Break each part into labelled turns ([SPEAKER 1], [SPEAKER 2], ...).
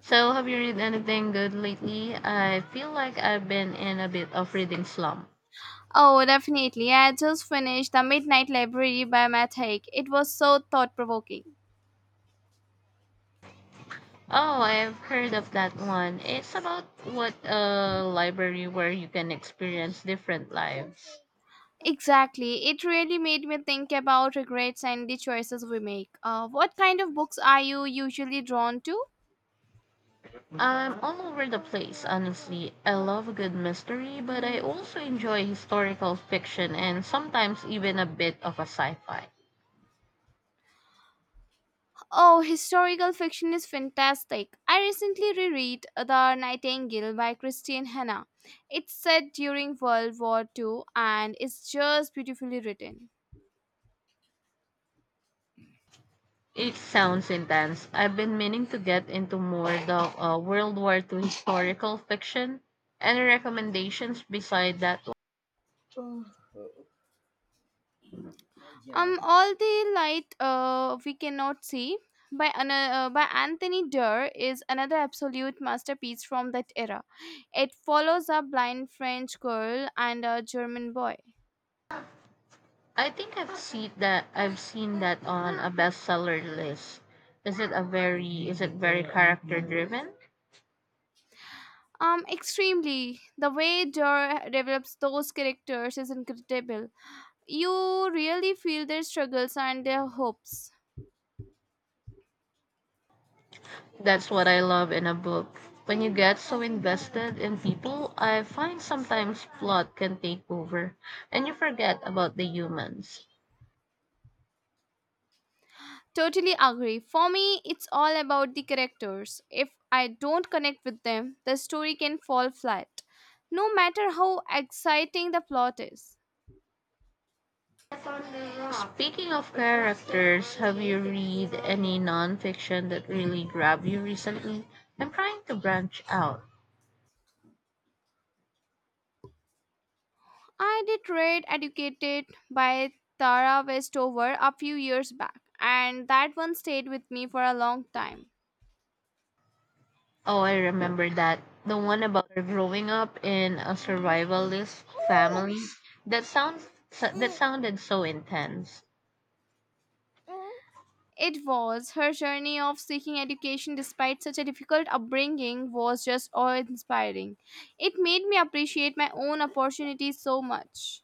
[SPEAKER 1] So, have you read anything good lately? I feel like I've been in a bit of reading slump.
[SPEAKER 2] Oh, definitely. I just finished The Midnight Library by Matt Haig. It was so thought provoking.
[SPEAKER 1] Oh, I've heard of that one. It's about what a library where you can experience different lives.
[SPEAKER 2] Exactly. It really made me think about regrets and the choices we make. What kind of books are you usually drawn to?
[SPEAKER 1] I'm all over the place, honestly. I love a good mystery, but I also enjoy historical fiction and sometimes even a bit of a sci-fi.
[SPEAKER 2] Oh, historical fiction is fantastic. I recently reread The Nightingale by Christine Hanna. It's set during World War II and it's just beautifully written.
[SPEAKER 1] It sounds intense. I've been meaning to get into more the World War II historical fiction. Any recommendations beside that one?
[SPEAKER 2] Yeah. All the light we cannot see by by Anthony Durr is another absolute masterpiece from that era. It follows a blind French girl and a German boy.
[SPEAKER 1] I've seen that on a bestseller list. Is it a very is it very character driven?
[SPEAKER 2] Extremely, the way Durr develops those characters is incredible. You really feel their struggles and their hopes.
[SPEAKER 1] That's what I love in a book. When you get so invested in people, I find sometimes plot can take over and you forget about the humans.
[SPEAKER 2] Totally agree. For me, it's all about the characters. If I don't connect with them, the story can fall flat, no matter how exciting the plot is.
[SPEAKER 1] Speaking of characters, have you read any nonfiction that really grabbed you recently? I'm trying to branch out.
[SPEAKER 2] I did read Educated by Tara Westover a few years back, and that one stayed with me for a long time.
[SPEAKER 1] Oh, I remember that. The one about her growing up in a survivalist family. That sounds that sounded so intense.
[SPEAKER 2] It was her journey of seeking education despite such a difficult upbringing was just awe inspiring. It made me appreciate my own opportunities so much.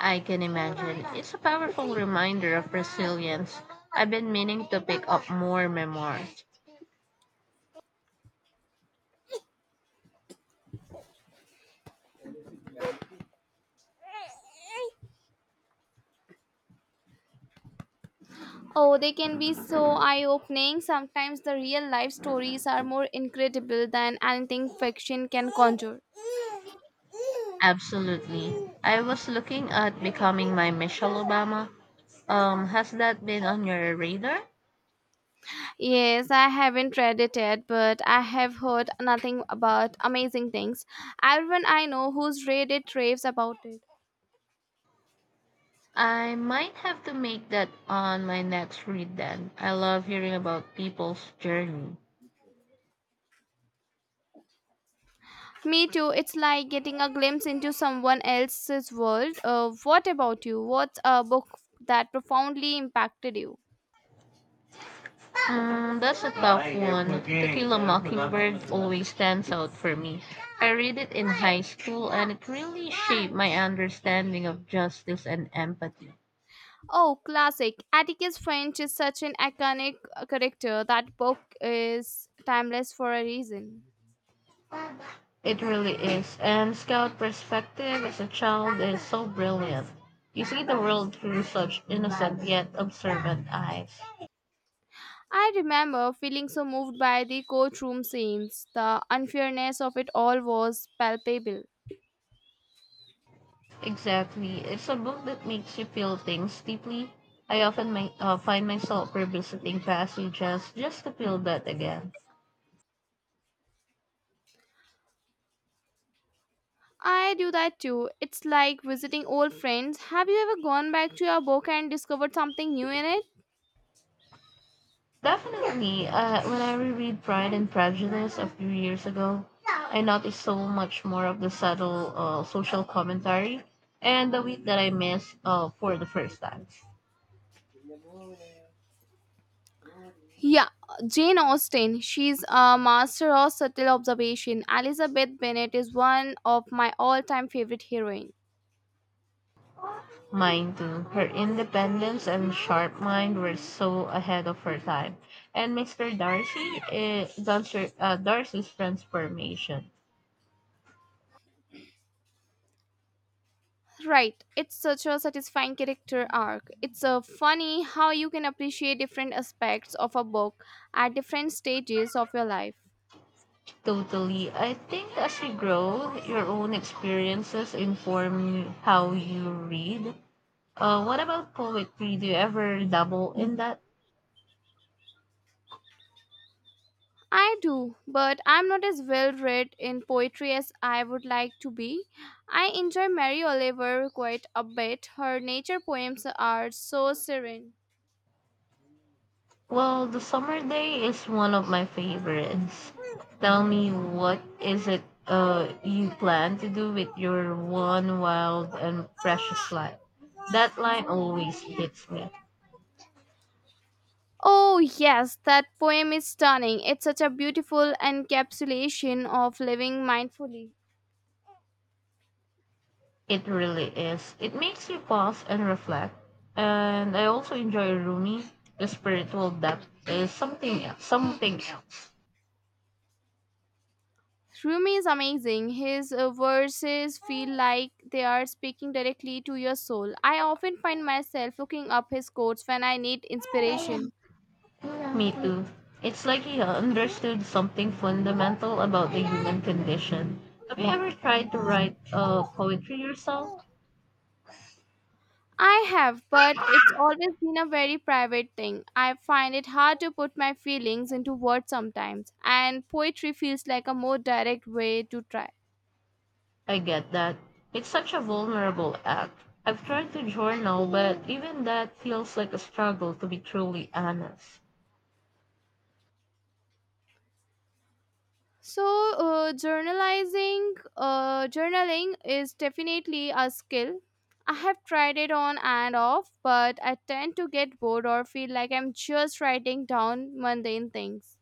[SPEAKER 1] I can imagine. It's a powerful reminder of resilience. I've been meaning to pick up more memoirs.
[SPEAKER 2] Oh, they can be so eye opening. Sometimes the real life stories are more incredible than anything fiction can conjure.
[SPEAKER 1] Absolutely. I was looking at becoming my Michelle Obama. Has that been on your radar?
[SPEAKER 2] Yes, I haven't read it yet, but I have heard nothing about amazing things. Everyone I know who's read it raves about it.
[SPEAKER 1] I might have to make that on my next read then. I love hearing about people's journey.
[SPEAKER 2] Me too, it's like getting a glimpse into someone else's world. What about you? What's a book that profoundly impacted you?
[SPEAKER 1] That's a tough one. To Kill a Mockingbird always stands out for me. I read it in high school and it really shaped my understanding of justice and empathy.
[SPEAKER 2] Oh, classic. Atticus Finch is such an iconic character. That book is timeless for a reason.
[SPEAKER 1] It really is. And Scout perspective as a child is so brilliant. You see the world through such innocent yet observant eyes.
[SPEAKER 2] I remember feeling so moved by the courtroom scenes. The unfairness of it all was palpable.
[SPEAKER 1] Exactly. It's a book that makes you feel things deeply. I often find myself revisiting passages just to feel that again.
[SPEAKER 2] I do that too. It's like visiting old friends. Have you ever gone back to your book and discovered something new in it?
[SPEAKER 1] Definitely. Uh, when I reread Pride and Prejudice a few years ago, I noticed so much more of the subtle social commentary and the wit that I missed for the first time.
[SPEAKER 2] Yeah, Jane Austen. She's a master of subtle observation. Elizabeth Bennet is one of my all-time favorite heroines.
[SPEAKER 1] Mine too. Her independence and sharp mind were so ahead of her time. And Mr. Darcy's transformation.
[SPEAKER 2] Right, it's such a satisfying character arc. It's funny how you can appreciate different aspects of a book at different stages of your life.
[SPEAKER 1] Totally. I think as you grow, your own experiences inform you how you read. What about poetry? Do you ever dabble in that?
[SPEAKER 2] I do, but I'm not as well read in poetry as I would like to be. I enjoy Mary Oliver quite a bit. Her nature poems are so serene.
[SPEAKER 1] Well, the summer day is one of my favorites. Tell me, what is it you plan to do with your one wild and precious life? That line always hits me.
[SPEAKER 2] Oh, yes, that poem is stunning. It's such a beautiful encapsulation of living mindfully.
[SPEAKER 1] It really is. It makes you pause and reflect. And I also enjoy Rumi. The spiritual depth is something else.
[SPEAKER 2] Rumi is amazing. His verses feel like they are speaking directly to your soul. I often find myself looking up his quotes when I need inspiration.
[SPEAKER 1] Me too. It's like he understood something fundamental about the human condition. Have you ever tried to write poetry yourself?
[SPEAKER 2] I have, but it's always been a very private thing. I find it hard to put my feelings into words sometimes, and poetry feels like a more direct way to try.
[SPEAKER 1] I get that. It's such a vulnerable act. I've tried to journal, but even that feels like a struggle to be truly honest.
[SPEAKER 2] So, Journaling is definitely a skill. I have tried it on and off, but I tend to get bored or feel like I'm just writing down mundane things.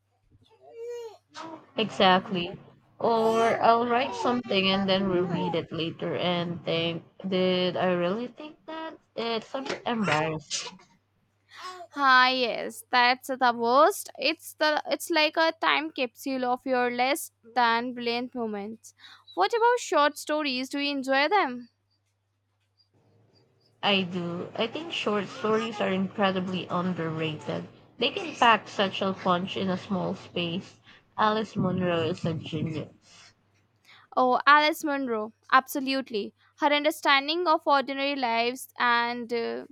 [SPEAKER 1] Exactly. Or I'll write something and then reread it later and think, did I really think that? It's a bit embarrassing.
[SPEAKER 2] Ah, yes, that's the worst. It's like a time capsule of your less than brilliant moments. What about short stories? Do you enjoy them?
[SPEAKER 1] I do. I think short stories are incredibly underrated. They can pack such a punch in a small space. Alice Munro is a genius.
[SPEAKER 2] Oh, Alice Munro, absolutely. Her understanding of ordinary lives and uh,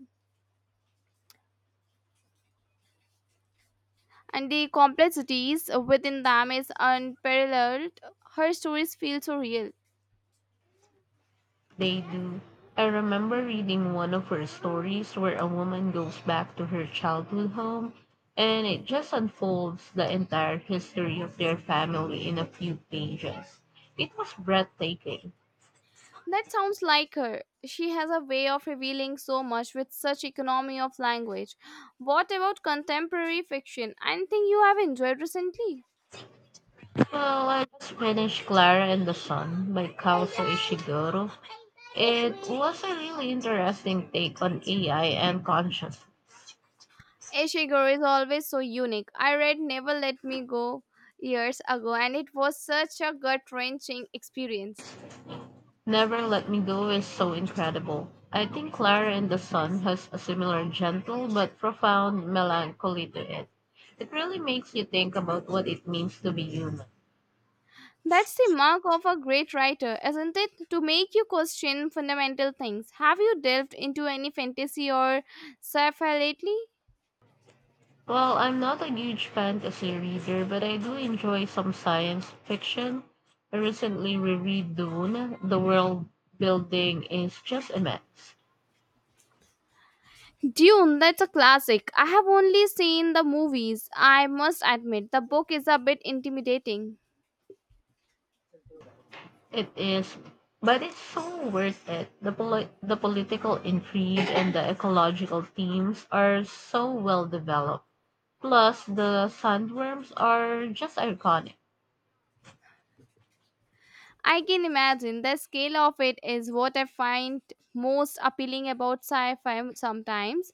[SPEAKER 2] and the complexities within them is unparalleled. Her stories feel so real.
[SPEAKER 1] They do. I remember reading one of her stories where a woman goes back to her childhood home and it just unfolds the entire history of their family in a few pages. It was breathtaking.
[SPEAKER 2] That sounds like her. She has a way of revealing so much with such economy of language. What about contemporary fiction? Anything you have enjoyed recently?
[SPEAKER 1] Well, I just finished Clara and the Sun by Kaoso Ishiguro. It was a really interesting take on AI and conscience.
[SPEAKER 2] Ishiguro is always so unique. I read Never Let Me Go years ago and it was such a gut wrenching experience.
[SPEAKER 1] Never Let Me Go is so incredible. I think Clara and the Sun has a similar gentle but profound melancholy to it. It really makes you think about what it means to be human.
[SPEAKER 2] That's the mark of a great writer, isn't it? To make you question fundamental things. Have you delved into any fantasy or sci-fi lately?
[SPEAKER 1] Well, I'm not a huge fantasy reader, but I do enjoy some science fiction. I recently reread Dune. The world building is just immense.
[SPEAKER 2] Dune, that's a classic. I have only seen the movies. I must admit, the book is a bit intimidating.
[SPEAKER 1] It is, but it's so worth it. The political intrigue and the ecological themes are so well developed. Plus, the sandworms are just iconic.
[SPEAKER 2] I can imagine the scale of it is what I find most appealing about sci fi sometimes.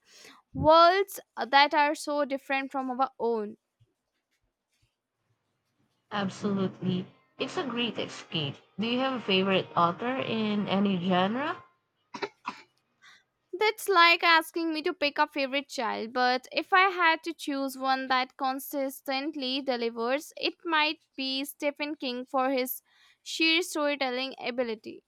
[SPEAKER 2] Worlds that are so different from our own.
[SPEAKER 1] Absolutely. It's a great escape. Do you have a favorite author in any genre?
[SPEAKER 2] That's like asking me to pick a favorite child, but if I had to choose one that consistently delivers, it might be Stephen King for his sheer storytelling ability.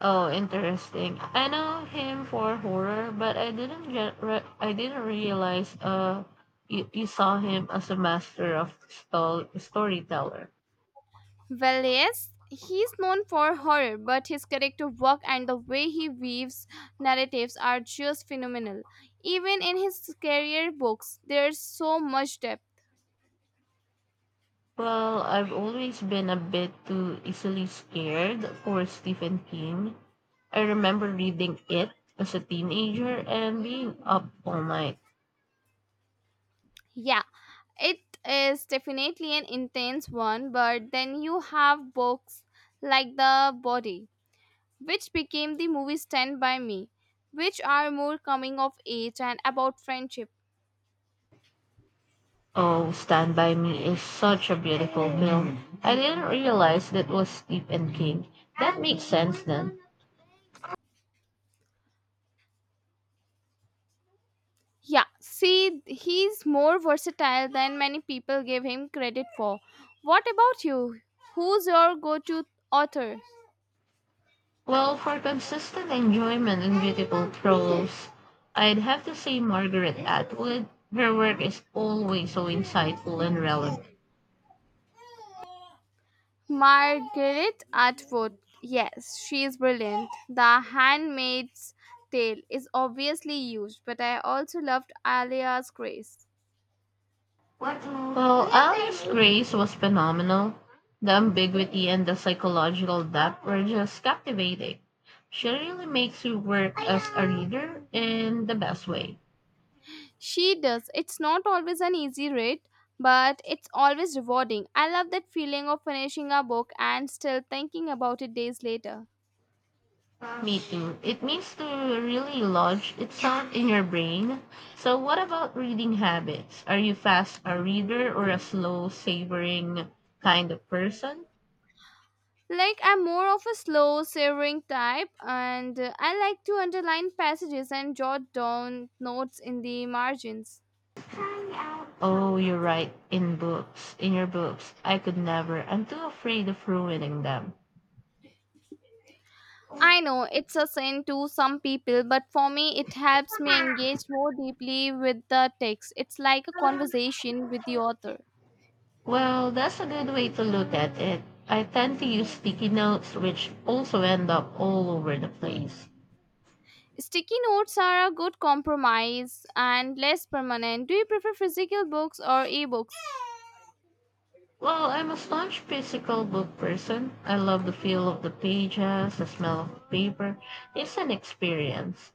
[SPEAKER 1] Oh, interesting. I know him for horror, but I didn't realize you saw him as a master of storyteller.
[SPEAKER 2] Well, yes, he's known for horror, but his character work and the way he weaves narratives are just phenomenal. Even in his scarier books, there's so much depth.
[SPEAKER 1] Well, I've always been a bit too easily scared for Stephen King. I remember reading it as a teenager and being up all night.
[SPEAKER 2] Yeah, it is definitely an intense one, but then you have books like The Body, which became the movie Stand By Me, which are more coming of age and about friendship.
[SPEAKER 1] Oh, Stand By Me is such a beautiful film. I didn't realize that was Stephen King. That makes sense then.
[SPEAKER 2] Yeah, see, he's more versatile than many people give him credit for. What about you? Who's your go to author?
[SPEAKER 1] Well, for consistent enjoyment and beautiful prose, I'd have to say Margaret Atwood. Her work is always so insightful and relevant.
[SPEAKER 2] Margaret Atwood. Yes, she is brilliant. The Handmaid's Tale is obviously used, but I also loved Alia's Grace.
[SPEAKER 1] Well, Alice Grace was phenomenal. The ambiguity and the psychological depth were just captivating. She really makes you work as a reader in the best way.
[SPEAKER 2] She does. It's not always an easy read, but it's always rewarding. I love that feeling of finishing a book and still thinking about it days later.
[SPEAKER 1] Me too. It means to really lodge itself in your brain. So, what about reading habits? Are you fast a reader or a slow savoring kind of person?
[SPEAKER 2] Like, I'm more of a slow, savoring type, and I like to underline passages and jot down notes in the margins.
[SPEAKER 1] Oh, you write in books, in your books. I could never. I'm too afraid of ruining them.
[SPEAKER 2] I know it's a sin to some people, but for me, it helps me engage more deeply with the text. It's like a conversation with the author.
[SPEAKER 1] Well, that's a good way to look at it. I tend to use sticky notes, which also end up all over the place.
[SPEAKER 2] Sticky notes are a good compromise and less permanent. Do you prefer physical books or ebooks?
[SPEAKER 1] Well, I'm a staunch physical book person. I love the feel of the pages, the smell of the paper. It's an experience.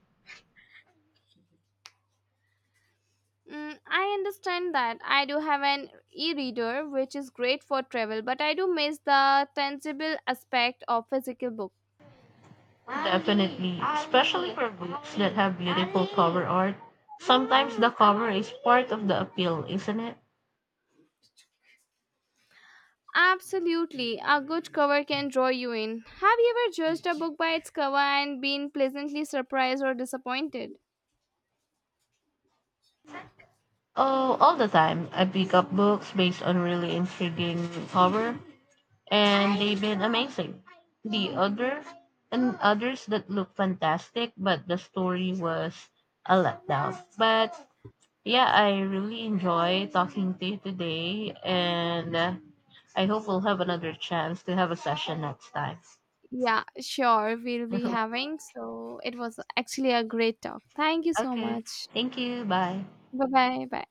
[SPEAKER 2] Mm, I understand that. I do have an e reader, which is great for travel, but I do miss the tangible aspect of physical books.
[SPEAKER 1] Definitely, especially for books that have beautiful cover art. Sometimes the cover is part of the appeal, isn't it?
[SPEAKER 2] Absolutely, a good cover can draw you in. Have you ever judged a book by its cover and been pleasantly surprised or disappointed?
[SPEAKER 1] Oh, all the time. I pick up books based on really intriguing cover, and they've been amazing. The other and others that look fantastic, but the story was a letdown. But Yeah, I really enjoy talking to you today, and I hope we'll have another chance to have a session next time.
[SPEAKER 2] Yeah, sure, we'll be having. So it was actually a great talk. Thank you so
[SPEAKER 1] Okay,
[SPEAKER 2] much.
[SPEAKER 1] thank you. Bye.
[SPEAKER 2] Bye bye. Bye.